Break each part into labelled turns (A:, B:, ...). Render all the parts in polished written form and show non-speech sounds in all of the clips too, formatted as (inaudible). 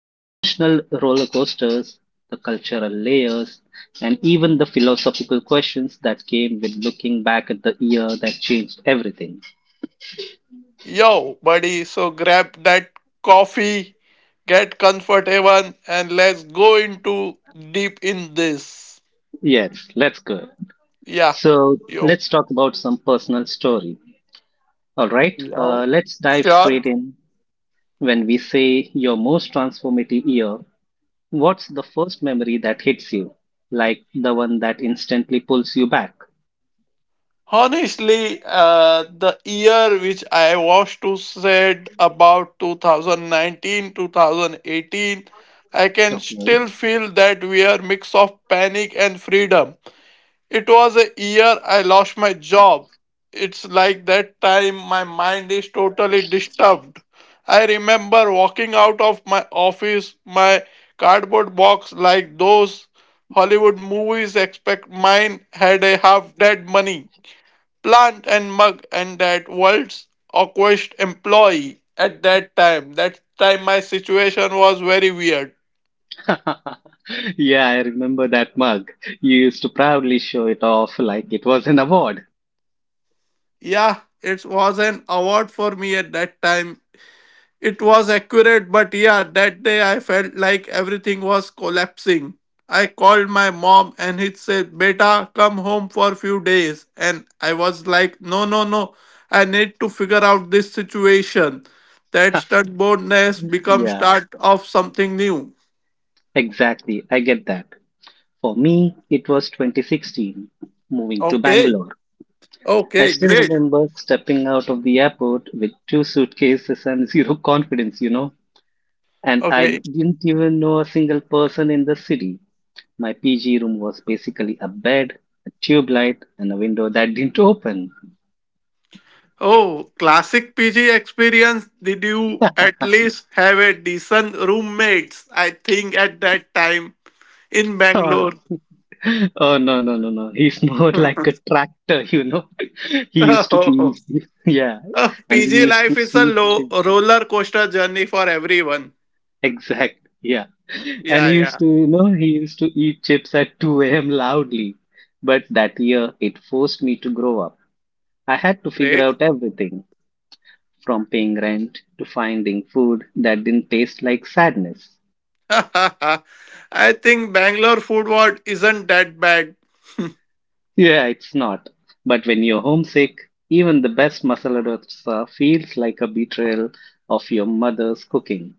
A: the emotional roller coasters, the cultural layers, and even the philosophical questions that came with looking back at the year that changed everything.
B: Yo, buddy, so grab that coffee, get comfortable, and let's go into deep in this.
A: Yes, let's go.
B: Yeah,
A: So,
B: yo,
A: let's talk about some personal story. All right,
B: yo,
A: let's dive
B: sure.
A: straight in. When we say your most transformative year, what's the first memory that hits you? Like the one that instantly pulls you back?
B: Honestly, the year which I was to said about 2019, 2018, I can
A: Okay.
B: still feel that we are mix of panic and freedom. It was a year I lost my job. It's like that time my mind is totally disturbed. I remember walking out of my office, my cardboard box like those Hollywood movies expect mine had a half dead money plant and mug and that world's awkward employee at that time. That time my situation was very weird.
A: (laughs) Yeah, I remember that mug. You used to proudly show it off like it was an award.
B: Yeah, it was an award for me at that time. It was accurate, but yeah, that day I felt like everything was collapsing. I called my mom and it said, Beta, come home for few days. And I was like, no, no, no, I need to figure out this situation. That stubbornness become
A: Yeah,
B: start of something new.
A: exactly. I get that. For me, it was 2016, moving to
B: Okay.
A: Bangalore. I
B: Okay,
A: still
B: great.
A: remember stepping out of the airport with two suitcases and zero (laughs) confidence, you know. And I
B: Okay.
A: didn't even know a single person in the city. My PG room was basically a bed, a tube light, and a window that didn't open. (laughs)
B: Oh, classic PG experience. Did you at least have a decent roommates? I think at that time in
A: Oh,
B: Bangalore.
A: oh no, no, no, no. He's (laughs) more like a
B: (laughs)
A: tractor, you know. (laughs) He used to
B: Oh,
A: eat, (laughs) yeah, and he
B: PG
A: used to
B: life is a
A: eat
B: low
A: chips.
B: roller coaster journey for everyone.
A: Exact, yeah. And
B: Yeah,
A: he
B: yeah,
A: used to, you know, he used to eat chips at 2 a.m. loudly. But that year, it forced me to grow up. I had to figure
B: great.
A: out everything, from paying rent to finding food that didn't taste like sadness.
B: (laughs) I think Bangalore food world isn't that bad,
A: Yeah, it's not. But when you're homesick, even the best masala dosa feels like a betrayal of your mother's cooking.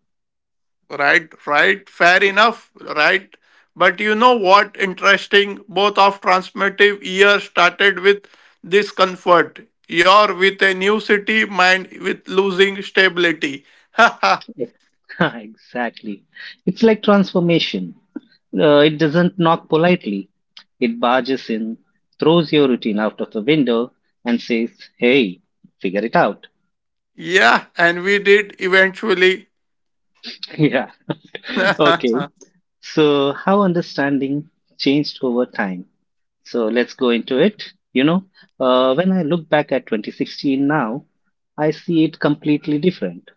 B: right? Right, fair enough, right? But you know what? Interesting. Both of transformative years started with discomfort. You're with a new city, mine with losing stability.
A: (laughs) exactly. It's like transformation. It doesn't knock politely. It barges in, throws your routine out of the window, and says, Hey, figure it out.
B: (laughs) Yeah, and we did eventually.
A: (laughs) Yeah. (laughs) Okay.
B: (laughs)
A: So, how understanding changed over time? So, let's go into it. You know, when I look back at 2016 now, I see it completely different.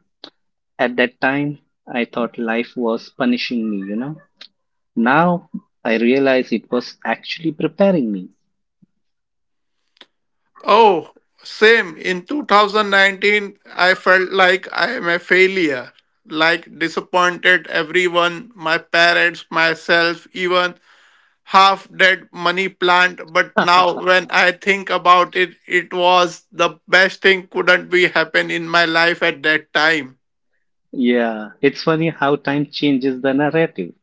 A: At that time, I thought life was punishing me. Now, I realize it was actually preparing me.
B: Oh, same. In 2019, I felt like I am a failure, like disappointed everyone, my parents, myself, even half dead money plant. But now,
A: (laughs)
B: when I think about it, it was the best thing couldn't be happen in my life at that time.
A: Yeah, it's funny how time changes the narrative.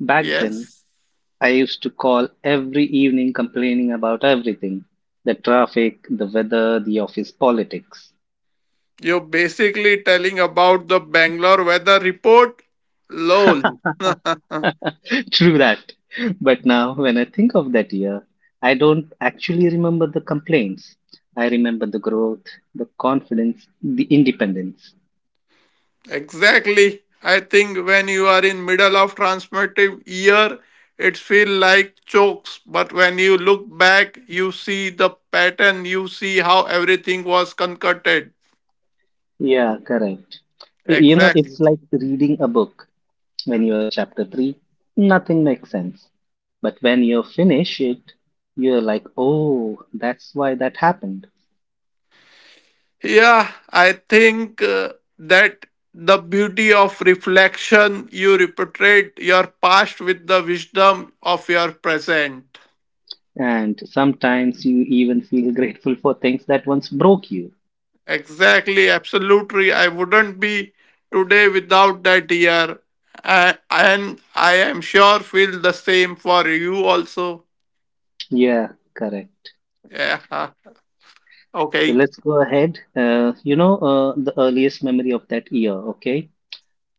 A: Back then,
B: Yes.
A: I used to call every evening complaining about everything, the traffic, the weather, the office politics.
B: You're basically telling about the Bangalore weather report?
A: (laughs)
B: LOL.
A: True that. But now, when I think of that year, I don't actually remember the complaints. I remember the growth, the confidence, the independence.
B: Exactly. I think when you are in middle of transformative year, it feel like chokes. But when you look back, you see the pattern. You see how everything was concocted.
A: Yeah, correct. You know,
B: Exactly.
A: it's like reading a book. When you're chapter 3, nothing makes sense. But when you finish it, you're like, oh, that's why that happened.
B: Yeah, I think that the beauty of reflection. You repeat your past with the wisdom of your present.
A: And sometimes you even feel grateful for things that once broke you.
B: Exactly, absolutely. I wouldn't be today without that year. And I am sure feel the same for you also.
A: Yeah, correct.
B: Yeah. Huh.
A: So
B: Okay.
A: let's go ahead. The earliest memory of that year, okay?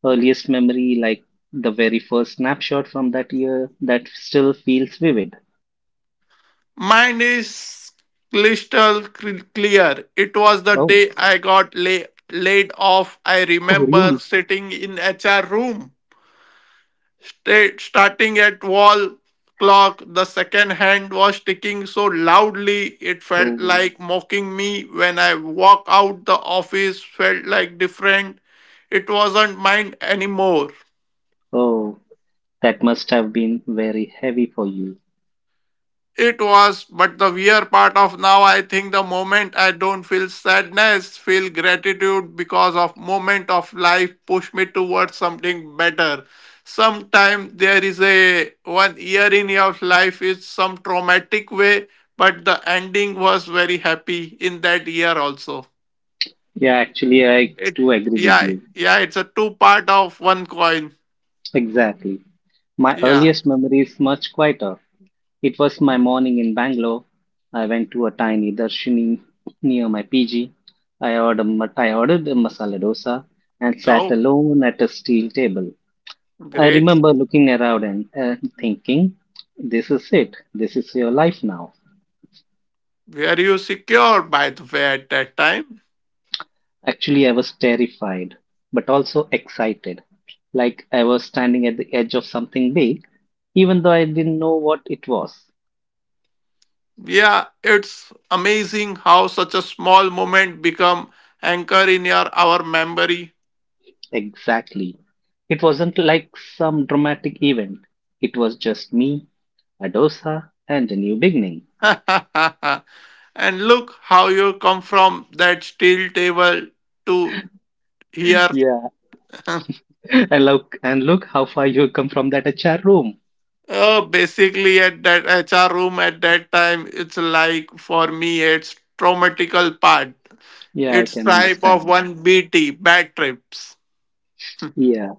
A: Earliest memory, like the very first snapshot from that year that still feels vivid.
B: Mine is crystal clear. It was the
A: Oh,
B: day I got laid off. I
A: (laughs) oh,
B: remember
A: really?
B: sitting in HR room, starting at wall clock, the second hand was ticking so loudly it felt
A: Oh,
B: like mocking me. When I walk out, the office felt like different. It wasn't mine anymore.
A: oh, that must have been very heavy for you.
B: It was, but the weird part of now, I think the moment I don't feel sadness, feel gratitude because of moment of life push me towards something better. Sometime there is a one year in your life is some traumatic way, but the ending was very happy in that year also.
A: Yeah, actually, I
B: It
A: do agree with
B: Yeah,
A: you.
B: yeah, it's a two part of one coin.
A: Exactly. My
B: Yeah.
A: earliest memory is much quieter. It was my morning in Bangalore. I went to a tiny darshini near my PG. I ordered a masala dosa and sat
B: Oh,
A: alone at a steel table. I
B: great.
A: remember looking around and thinking, this is it. This is your life now.
B: Were you secure by the way at that time?
A: Actually, I was terrified, but also excited, like I was standing at the edge of something big, even though I didn't know what it was
B: Yeah, it's amazing how such a small moment become anchor in your our memory.
A: exactly. It wasn't like some dramatic event, it was just me, Adosa, and a new beginning.
B: (laughs) And look how you come from that steel table to here.
A: Yeah,
B: (laughs)
A: (laughs) and look, how far you come from that HR room.
B: Oh, basically at that HR room at that time, it's like for me it's traumatical part.
A: Yeah, I
B: It's
A: can
B: type of
A: understand.
B: one BT bad trips. (laughs)
A: Yeah.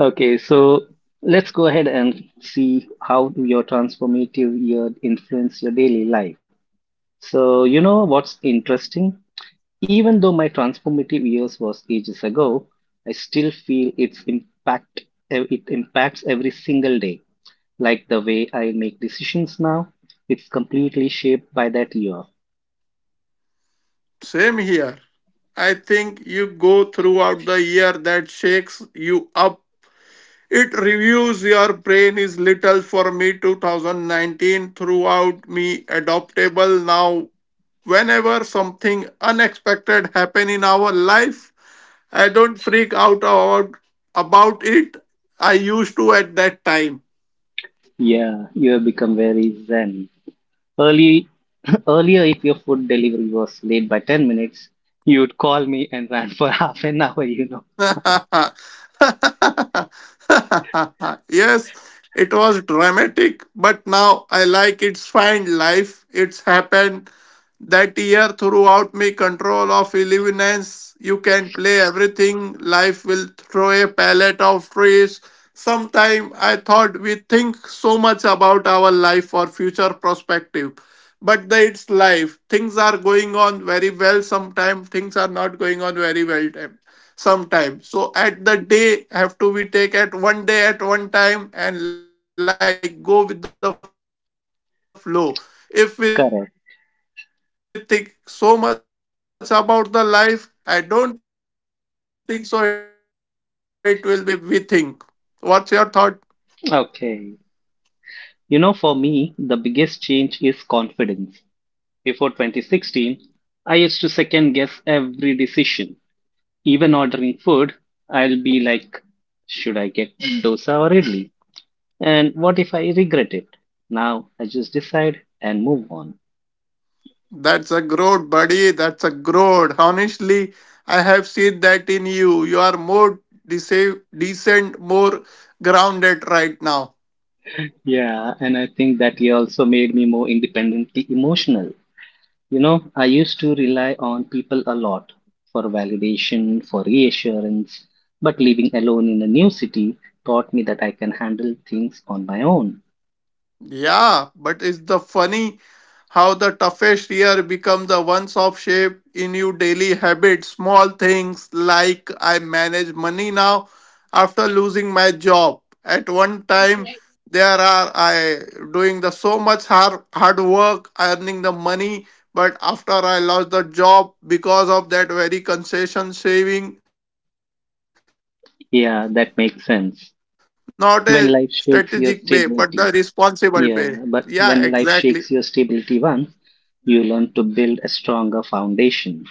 A: Okay, so let's go ahead and see how your transformative year influenced your daily life. So, you know what's interesting? Even though my transformative years was ages ago, I still feel its impact, it impacts every single day. Like the way I make decisions now, it's completely shaped by that year.
B: Same here. I think you go throughout the year that shakes you up. It reviews your brain is little. For me, 2019 throughout me adoptable. Now whenever something unexpected happen in our life, I don't freak out about it. I used to at that time.
A: Yeah, you have become very zen. Early, (clears throat) earlier, if your food delivery was late by 10 minutes, you'd call me and rant for (laughs) half an hour.
B: (laughs) Yes, it was dramatic, but now I like it's fine life, it's happened. That year throughout me control of illumines, you can play everything, life will throw a palette of trees. Sometime I thought we think so much about our life or future perspective, but it's life, things are going on very well, sometimes things are not going on very well time sometimes. So at the day have to be take at one day at one time and like go with the flow. If we think so much about the life, I
A: Correct.
B: don't think so it will be like gone the way only the way which way we think. What's your thought?
A: Okay. You know, for me, the biggest change is confidence. Before 2016, I used to second guess every decision. Even ordering food, I'll be like, should I get dosa or idli? And what if I regret it? Now I just decide and move on.
B: That's a growth, buddy, that's a growth. Honestly, I have seen that in you are more decent, more grounded right now.
A: Yeah, and I think that year also made me more independently emotional. You know, I used to rely on people a lot for validation, for reassurance, but living alone in a new city taught me that I can handle things on my own.
B: Yeah, but it's the funny how the toughest year becomes the ones of shape in your daily habits. Small things like I manage money now after losing my job. At one time, there are I doing the so much hard hard work earning the money, but after I lost the job because of that very concession saving, not a strategic way,
A: Yeah,
B: but the
A: that makes sense.
B: responsible way. Yeah,
A: When life shakes
B: exactly.
A: your stability, when life shakes your stability once, you learn to build a stronger foundation.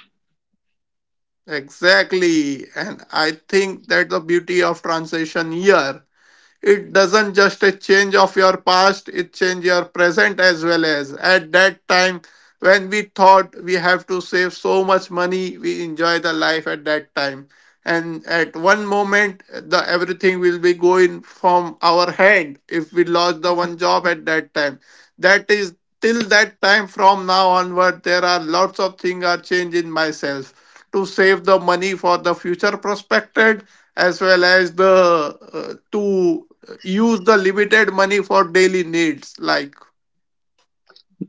B: Exactly. And I think that's the beauty of translation here, it doesn't just a change of your past, it change your present as well. As at that time when we thought we have to save so much money, we enjoy the life at that time. And at one moment the everything will be going from our hand if we lost the one job at that time. That is till that time. From now onward there are lots of things are changed in myself, to save the money for the future prospect as well as the to use the limited money for daily needs like.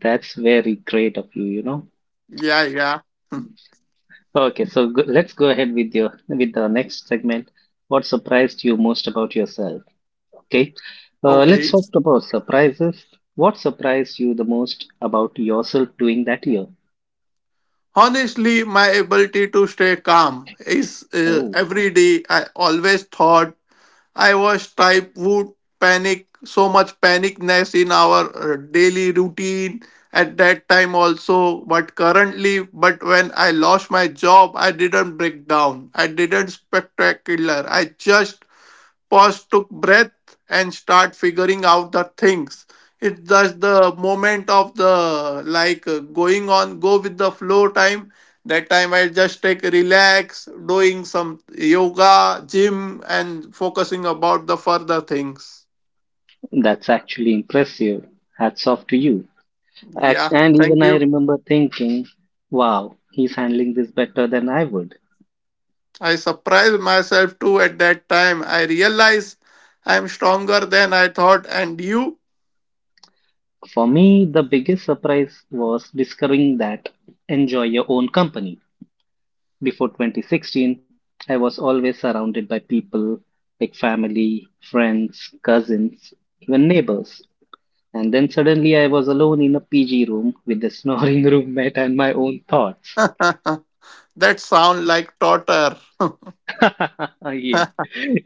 A: That's very great of you, you know.
B: Yeah, yeah.
A: Okay, so let's go ahead with your with the next segment. What surprised you most about yourself? Okay, let's
B: Okay.
A: talk about surprises. What surprised you the most about yourself doing that year?
B: Honestly, my ability to stay calm is
A: Oh,
B: every day. I always thought I was type would panic, so much panicness in our daily routine at that time also. But currently, but when I lost my job, I didn't break down, I didn't spectacular, I just pause, took breath, and start figuring out the things. It's just the moment of the like going on, go with the flow time. That time I just take relax, doing some yoga, gym, and focusing about the further things.
A: that's actually impressive. Hats off to you. Act,
B: Yeah,
A: and even
B: thank
A: I
B: you.
A: remember thinking, wow, he's handling this better than I would.
B: I surprised myself too at that time. I realized I'm stronger than I thought, and you.
A: For me, the biggest surprise was discovering that enjoy your own company. Before 2016, I was always surrounded by people like family, friends, cousins, even neighbors. And then suddenly I was alone in a PG room with a snoring (laughs) roommate and my own
B: (laughs)
A: thoughts.
B: That sound like torture.
A: (laughs) Yeah,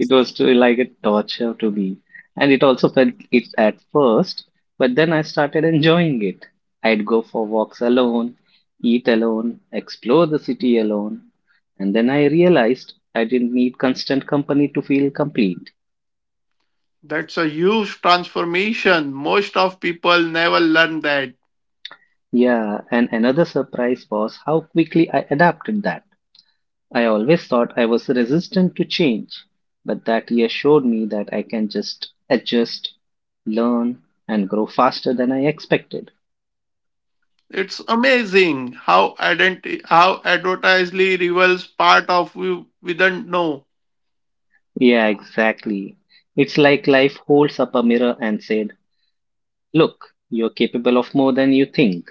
A: it was to like a torture to me, and it also felt it at first, but then I started enjoying it. I'd go for walks alone, eat alone, explore the city alone, and then I realized I didn't need constant company to feel complete.
B: That's a huge transformation. Most of people never learn that.
A: Yeah, and another surprise was how quickly I adapted that. I always thought I was resistant to change, but that year showed me that I can just adjust, learn, and grow faster than I expected.
B: It's amazing how how advertisely reveals part of you we don't know,
A: Yeah, exactly. It's like life holds up a mirror and said, Look, you're capable of more than you think.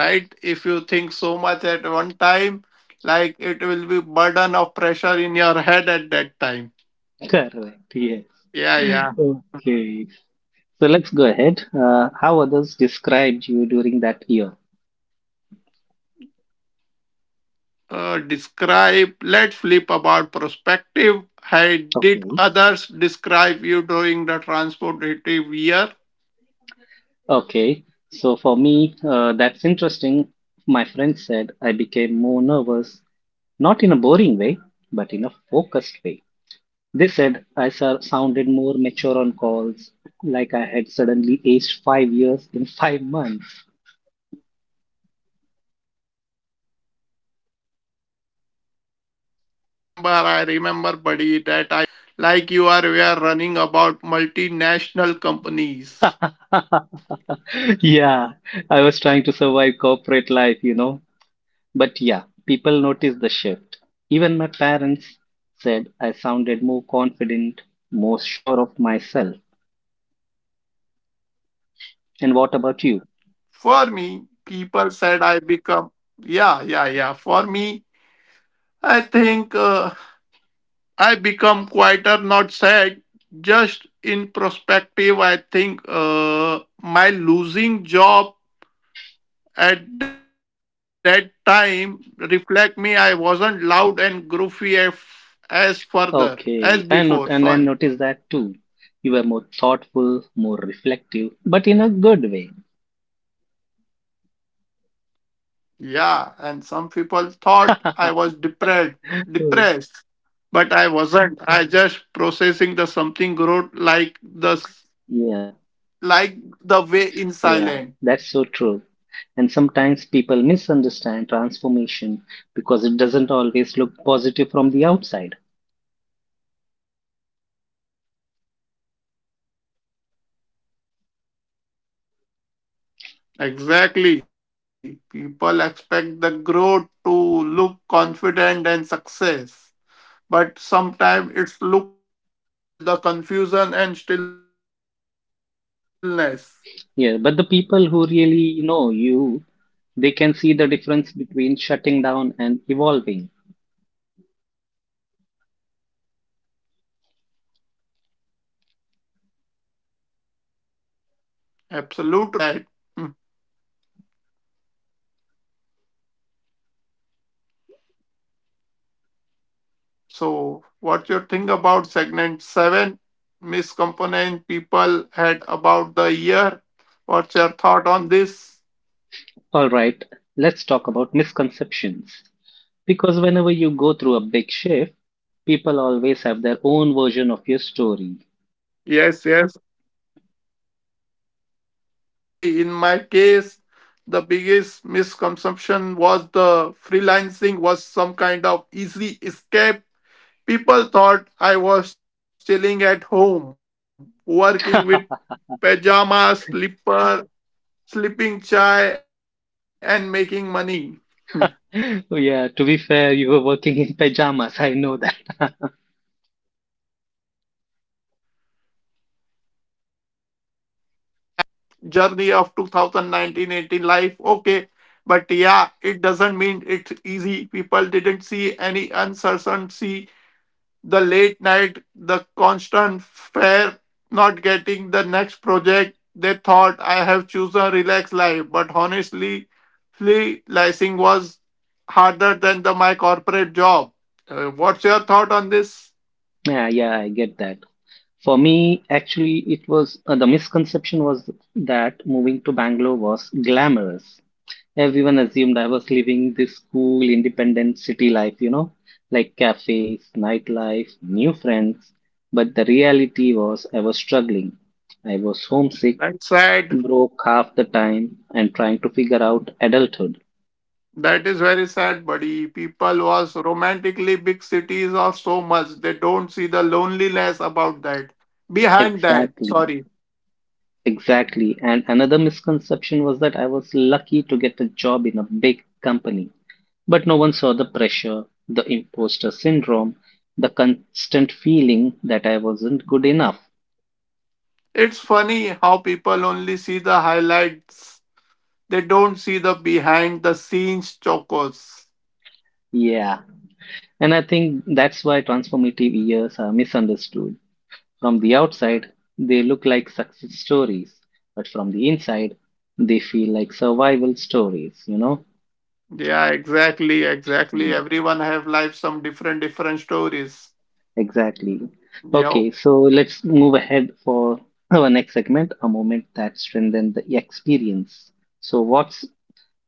B: right? If you think so much at one time, like it will be burden of pressure in your head at that time.
A: (laughs) Correct, yes.
B: Yeah, yeah.
A: Okay. So let's go ahead. How others described you during that year?
B: Describe. Let's flip about perspective. How did
A: Okay.
B: others describe you during the transportative year?
A: Okay. So for me, that's interesting. My friend said I became more nervous. Not in a boring way, but in a focused way. They said I sounded more mature on calls, like I had suddenly aged 5 years in 5 months.
B: I remember, buddy, that I used to talk about deadlines and responsibility like you are we are running about multinational companies.
A: (laughs) Yeah, I was trying to survive corporate life, you know. But yeah, people noticed the shift. Even my parents said I sounded more confident, more sure of myself. And what about you?
B: For me, people said I become, yeah, yeah, yeah. For me, I think I become quieter, not sad. Just in perspective, I think my losing job. At that time, reflect me, I wasn't loud and goofy as
A: Okay, I not and I noticed
B: further
A: that too.
B: as
A: You were
B: before.
A: more
B: Sorry.
A: thoughtful, more reflective, but in a good way. (laughs) Oh,
B: Yeah, and some people thought I was depressed, but I
A: yeah,
B: wasn't. I just processing the
A: yeah,
B: something
A: that's
B: growth
A: so true.
B: like the
A: And
B: s-
A: sometimes people misunderstand
B: like the way
A: transformation
B: in
A: because it
B: silent.
A: doesn't always look positive from the outside.
B: Exactly. People expect the growth to look confident and success, but sometimes it's look like withdrawal, the confusion and stillness.
A: Yeah,
B: What's
A: but the
B: your thought,
A: people who
B: buddy?
A: really know you, they can see the difference between shutting down and evolving.
B: Absolutely. And I think both of us people who understood that. Hmm. So, what you think about segment 7? Miscomponent people had about the year. What's your thought
A: All right,
B: on
A: let's talk
B: this?
A: about misconceptions. Because whenever you go through a big shift, people always have their own version of your story.
B: Yes, yes. Oh, absolutely. In my case, the biggest misconception was the freelancing was some kind of easy escape. People thought I was
A: (laughs)
B: chilling at home, working with pajamas, slipper, slipping chai, and making money.
A: Yeah, to be fair, you were working in pajamas, I know that. (laughs)
B: (laughs) That's a one part of our journey of 2019 eighteen life. Okay, but yeah, it doesn't mean it's easy. People didn't see any uncertainty, the late night, the constant fear not getting the next project. They thought I have chosen a relaxed life, but honestly, freelancing was harder than the my corporate job. What's your thought on this?
A: Yeah, yeah, I get that. For me, actually, it was the misconception was that moving to Bangalore was glamorous. Everyone assumed I was living this cool, independent city life, like cafes, nightlife, new friends. But the reality was I was struggling. I was homesick,
B: That's sad.
A: broke half the time, and trying to figure out adulthood.
B: That is very sad, buddy. People was romantically big cities are so much they don't see the loneliness about that. Behind that,
A: Exactly,
B: sorry.
A: exactly. And another misconception was that I was lucky to get a job in a big company. But no one saw the pressure, the imposter syndrome, the constant feeling that I wasn't good enough.
B: It's funny how people only see the highlights. They don't see the behind the scenes chocos.
A: Yeah. And I think that's why transformative years are misunderstood. From the outside, they look like success stories, but from the inside, they feel like survival stories, you know?
B: Yeah, exactly, exactly.
A: Mm,
B: Everyone have life some different different stories.
A: exactly.
B: Yeah.
A: Okay, so let's move ahead for our next segment, a moment that strengthened the experience. So, what's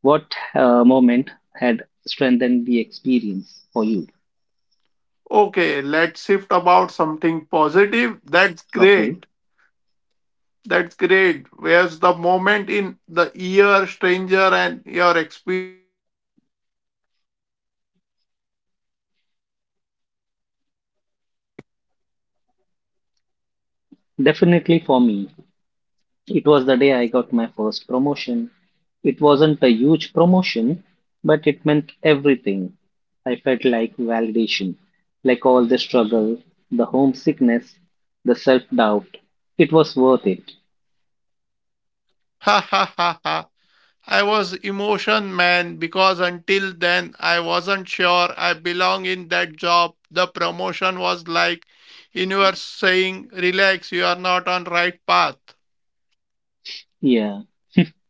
A: What uh, moment had strengthened the experience for you?
B: Okay, let's shift about something positive. That's
A: Okay.
B: great. That's great. Where's the moment in the year, stranger, and your experience?
A: Definitely for me, it was the day I got my first promotion. It wasn't a huge promotion, but it meant everything. I felt like validation, like all the struggle, the homesickness, the self doubt. It was worth it.
C: Ha ha ha ha. I was emotion man because until then I wasn't sure I belong in that job. The promotion was like universe saying, relax, you are not on right path.
A: Yeah,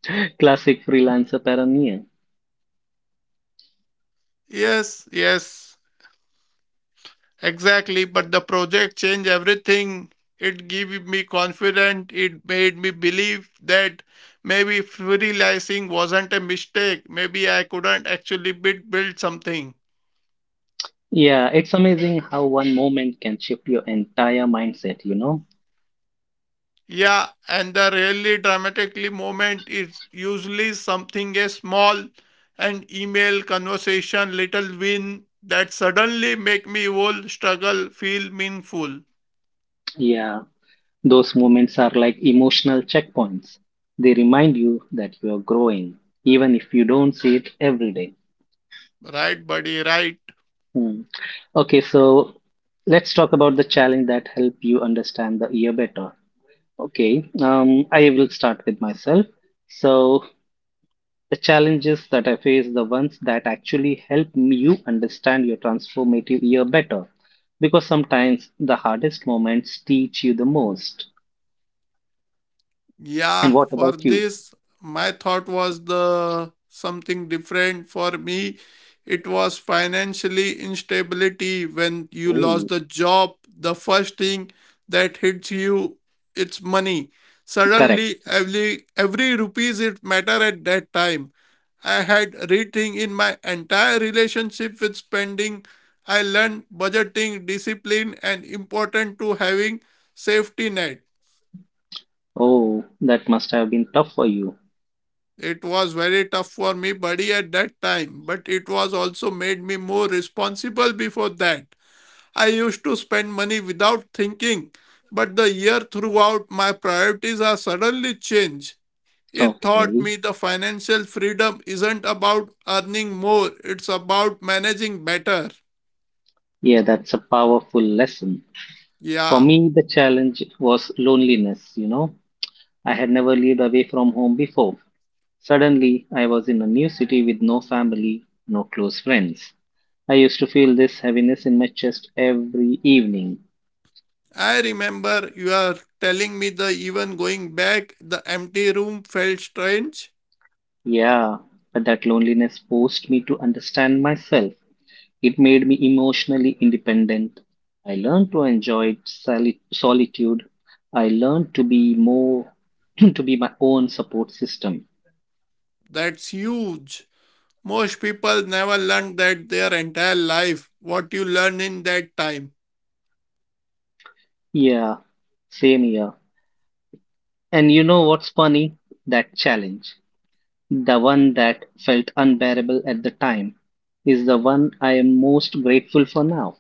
A: (gasps) (laughs) classic freelancer paranoia.
C: Yes, yes, exactly. But the project changed everything. It gave me confidence. It made me believe that maybe freelancing wasn't a mistake. Maybe I couldn't actually build something.
A: Yeah, it's amazing how one moment can shift your entire mindset, you know?
C: Yeah, and the really dramatically moment is usually something a small an email conversation, little win that suddenly make me whole struggle feel meaningful.
A: Yeah. Those moments are like emotional checkpoints. They remind you that you are growing, even if you don't see it every day.
C: Right, buddy, right.
A: Hmm. Okay, so let's talk about the challenge that help you understand the year better. Okay, I will start with myself. So the challenges that I face, the ones that actually you understand your transformative year better, because sometimes the hardest moments teach you the most. And
C: Yeah,
A: what
C: for
A: about you?
C: this, my thought was the something different. For me, it was financially instability when you lost
A: Oh,
C: the job. The first thing that hits you, it's money.
A: correct.
C: Suddenly, every rupees it matter at that time. I had rethink in my entire relationship with spending. I learned budgeting, discipline, and important to having safety net.
A: Oh, that must have been tough for you.
C: It was very tough for me, buddy, at that time, but it was also made me more responsible before that. I used to spend money without thinking, but the year throughout, my priorities are suddenly changed. It taught
A: Okay.
C: me the financial freedom isn't about earning more, it's about managing better.
A: Yeah, that's a powerful lesson. For
C: Yeah,
A: me, the challenge was loneliness, you know. I had never lived away from home before. Suddenly, I was in a new city with no family, no close friends. I used to feel this heaviness in my chest every evening.
C: I remember you are telling me the even going back, the empty room felt strange.
A: Yeah, but that loneliness forced me to understand myself. It made me emotionally independent. I learned to enjoy solitude. I learned to be more, (clears throat) to be my own support system.
C: That's huge. Most people never learn that their entire life, what you learn in that time.
A: Yeah, same here. And you know what's funny? That challenge, the one that felt unbearable at the time, is the one I am most grateful for now.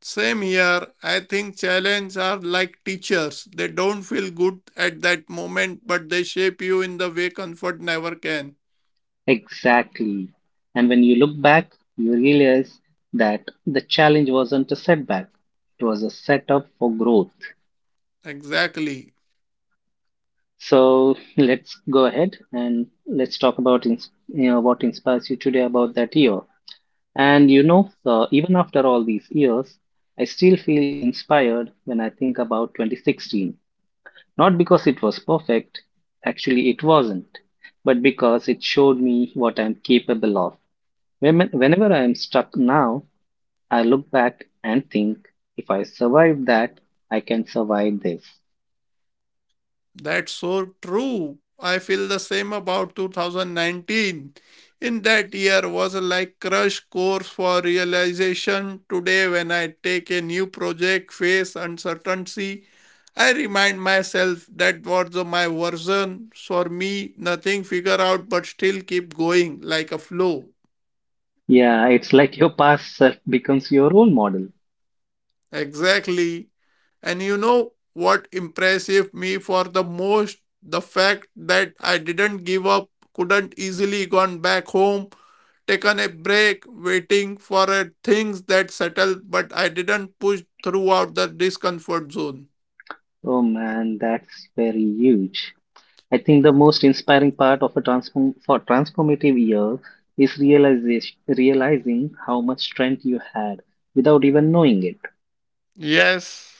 C: Same here, I think challenges are like teachers. They don't feel good at that moment, but they shape you in the way comfort never can.
A: Exactly. And when you look back, you realize that the challenge wasn't a setback, it was a setup for growth.
C: Exactly.
A: So (laughs) let's go ahead and let's talk about, you know, what inspires you today about that year. And you know, even after all these years, I still feel inspired when I think about 2016. Not because it was perfect, actually, it wasn't, but because it showed me what I'm capable of. Whenever I'm stuck now, I look back and think if I survived that, I can survive this.
C: That's so true. I feel the same about 2019. In that year was a like crush course for realization. Today, when I take a new project, face uncertainty, I remind myself that was the- my version. For me, nothing figure out, but still keep going like a flow.
A: Yeah, it's like your past self becomes your role model.
C: Exactly. And you know what impressive me for the most? The fact that I didn't give up, couldn't easily gone back home, taken a break, waiting for a things that settle, but I didn't push throughout the discomfort zone.
A: Oh man, that's very huge. I think the most inspiring part of a transformative year is realizing how much strength you had without even knowing it.
C: Yes.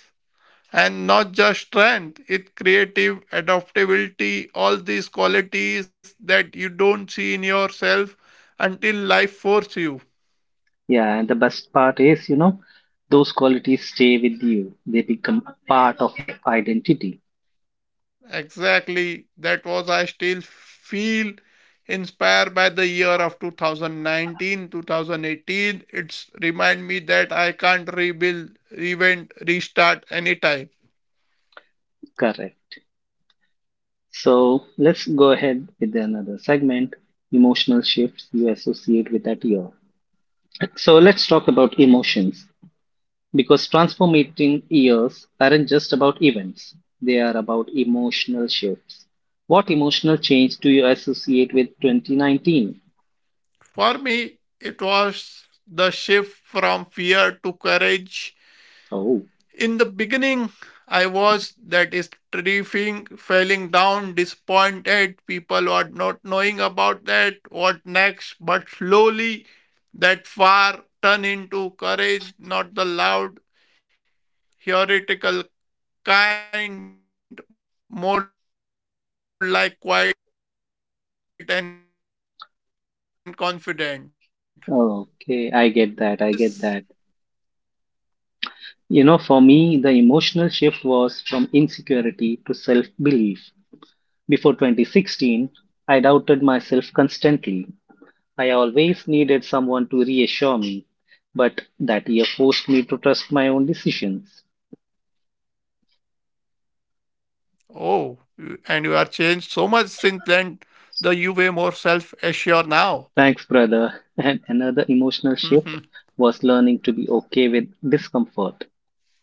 C: And not just strength, it creative, adaptability, all these qualities that you don't see in yourself until life force you.
A: Yeah, and the best part is, you know, those qualities stay with you. They become part of your identity.
C: Exactly. That was I still feel inspired by the year of 2019, 2018. It's remind me that I can't rebuild, revent, restart anytime.
A: Correct. So let's go ahead with another segment, emotional shifts you associate with that year. So let's talk about emotions. Because transformative years aren't just about events, they are about emotional shifts. What emotional change do you associate with 2019?
C: For me, it was the shift from fear to courage.
A: Oh,
C: In the beginning, I was, that is, tripping, falling down, disappointed. People were not knowing about that, what next. But slowly, that far turned into courage, not the loud, theoretical kind, more like quiet and confident. What's your thought on this?
A: okay, I get that. You know, for me, the emotional shift was from insecurity to self-belief. Before 2016, I doubted myself constantly. I always needed someone to reassure me, but that year forced me to trust my own decisions.
C: Oh, and you are changed so much since then. The you way more self assured now.
A: Thanks, brother. (laughs) And another emotional
C: (laughs)
A: shift was learning to be okay with discomfort.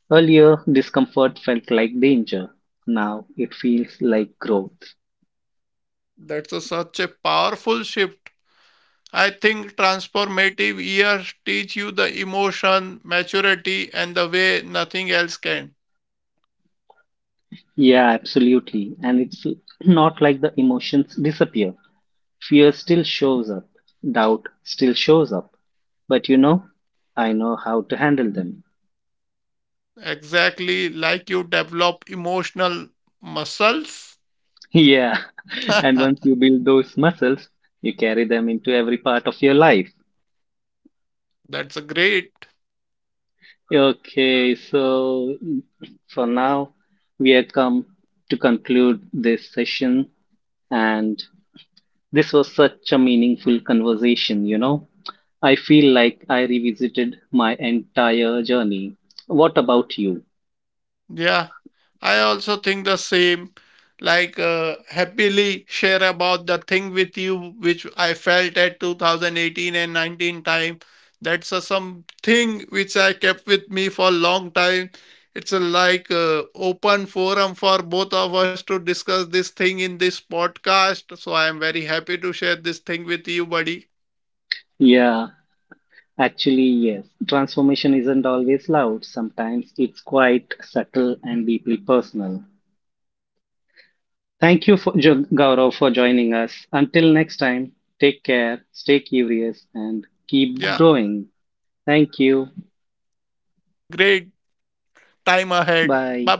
A: Earlier, discomfort felt like danger. Now it feels like growth.
C: That's a, such a powerful shift. I think transformative years teach you the emotion, maturity, and the way nothing else can.
A: Yeah, absolutely. And it's not like the emotions disappear. Fear still shows up, doubt still shows up. But you know, I know how to handle them.
C: Exactly like you develop emotional muscles.
A: Yeah, (laughs)
C: (laughs)
A: and once you build those muscles, you carry them into every part of your life.
C: That's a great.
A: Okay, so for now, we have come to conclude this session, and this was such a meaningful conversation, you know. I feel like I revisited my entire journey. What about you?
C: Yeah, I also think the same. Like, happily share about the thing with you, which I felt at 2018 and 19 time. That's a something which I kept with me for long time. It's a like open forum for both of us to discuss this thing in this podcast. So I am very happy to share this thing with you, buddy.
A: Yeah, actually, yes. Transformation isn't always loud, sometimes it's quite subtle and deeply personal. Thank
C: Yeah,
A: you, for, Gaurav, for joining us. Until next time, take care, stay curious, and
C: thank
A: keep
C: you,
A: growing.
C: Shabazz. Have a
A: Thank
C: great
A: you.
C: time ahead. Bye bye.
A: Bye.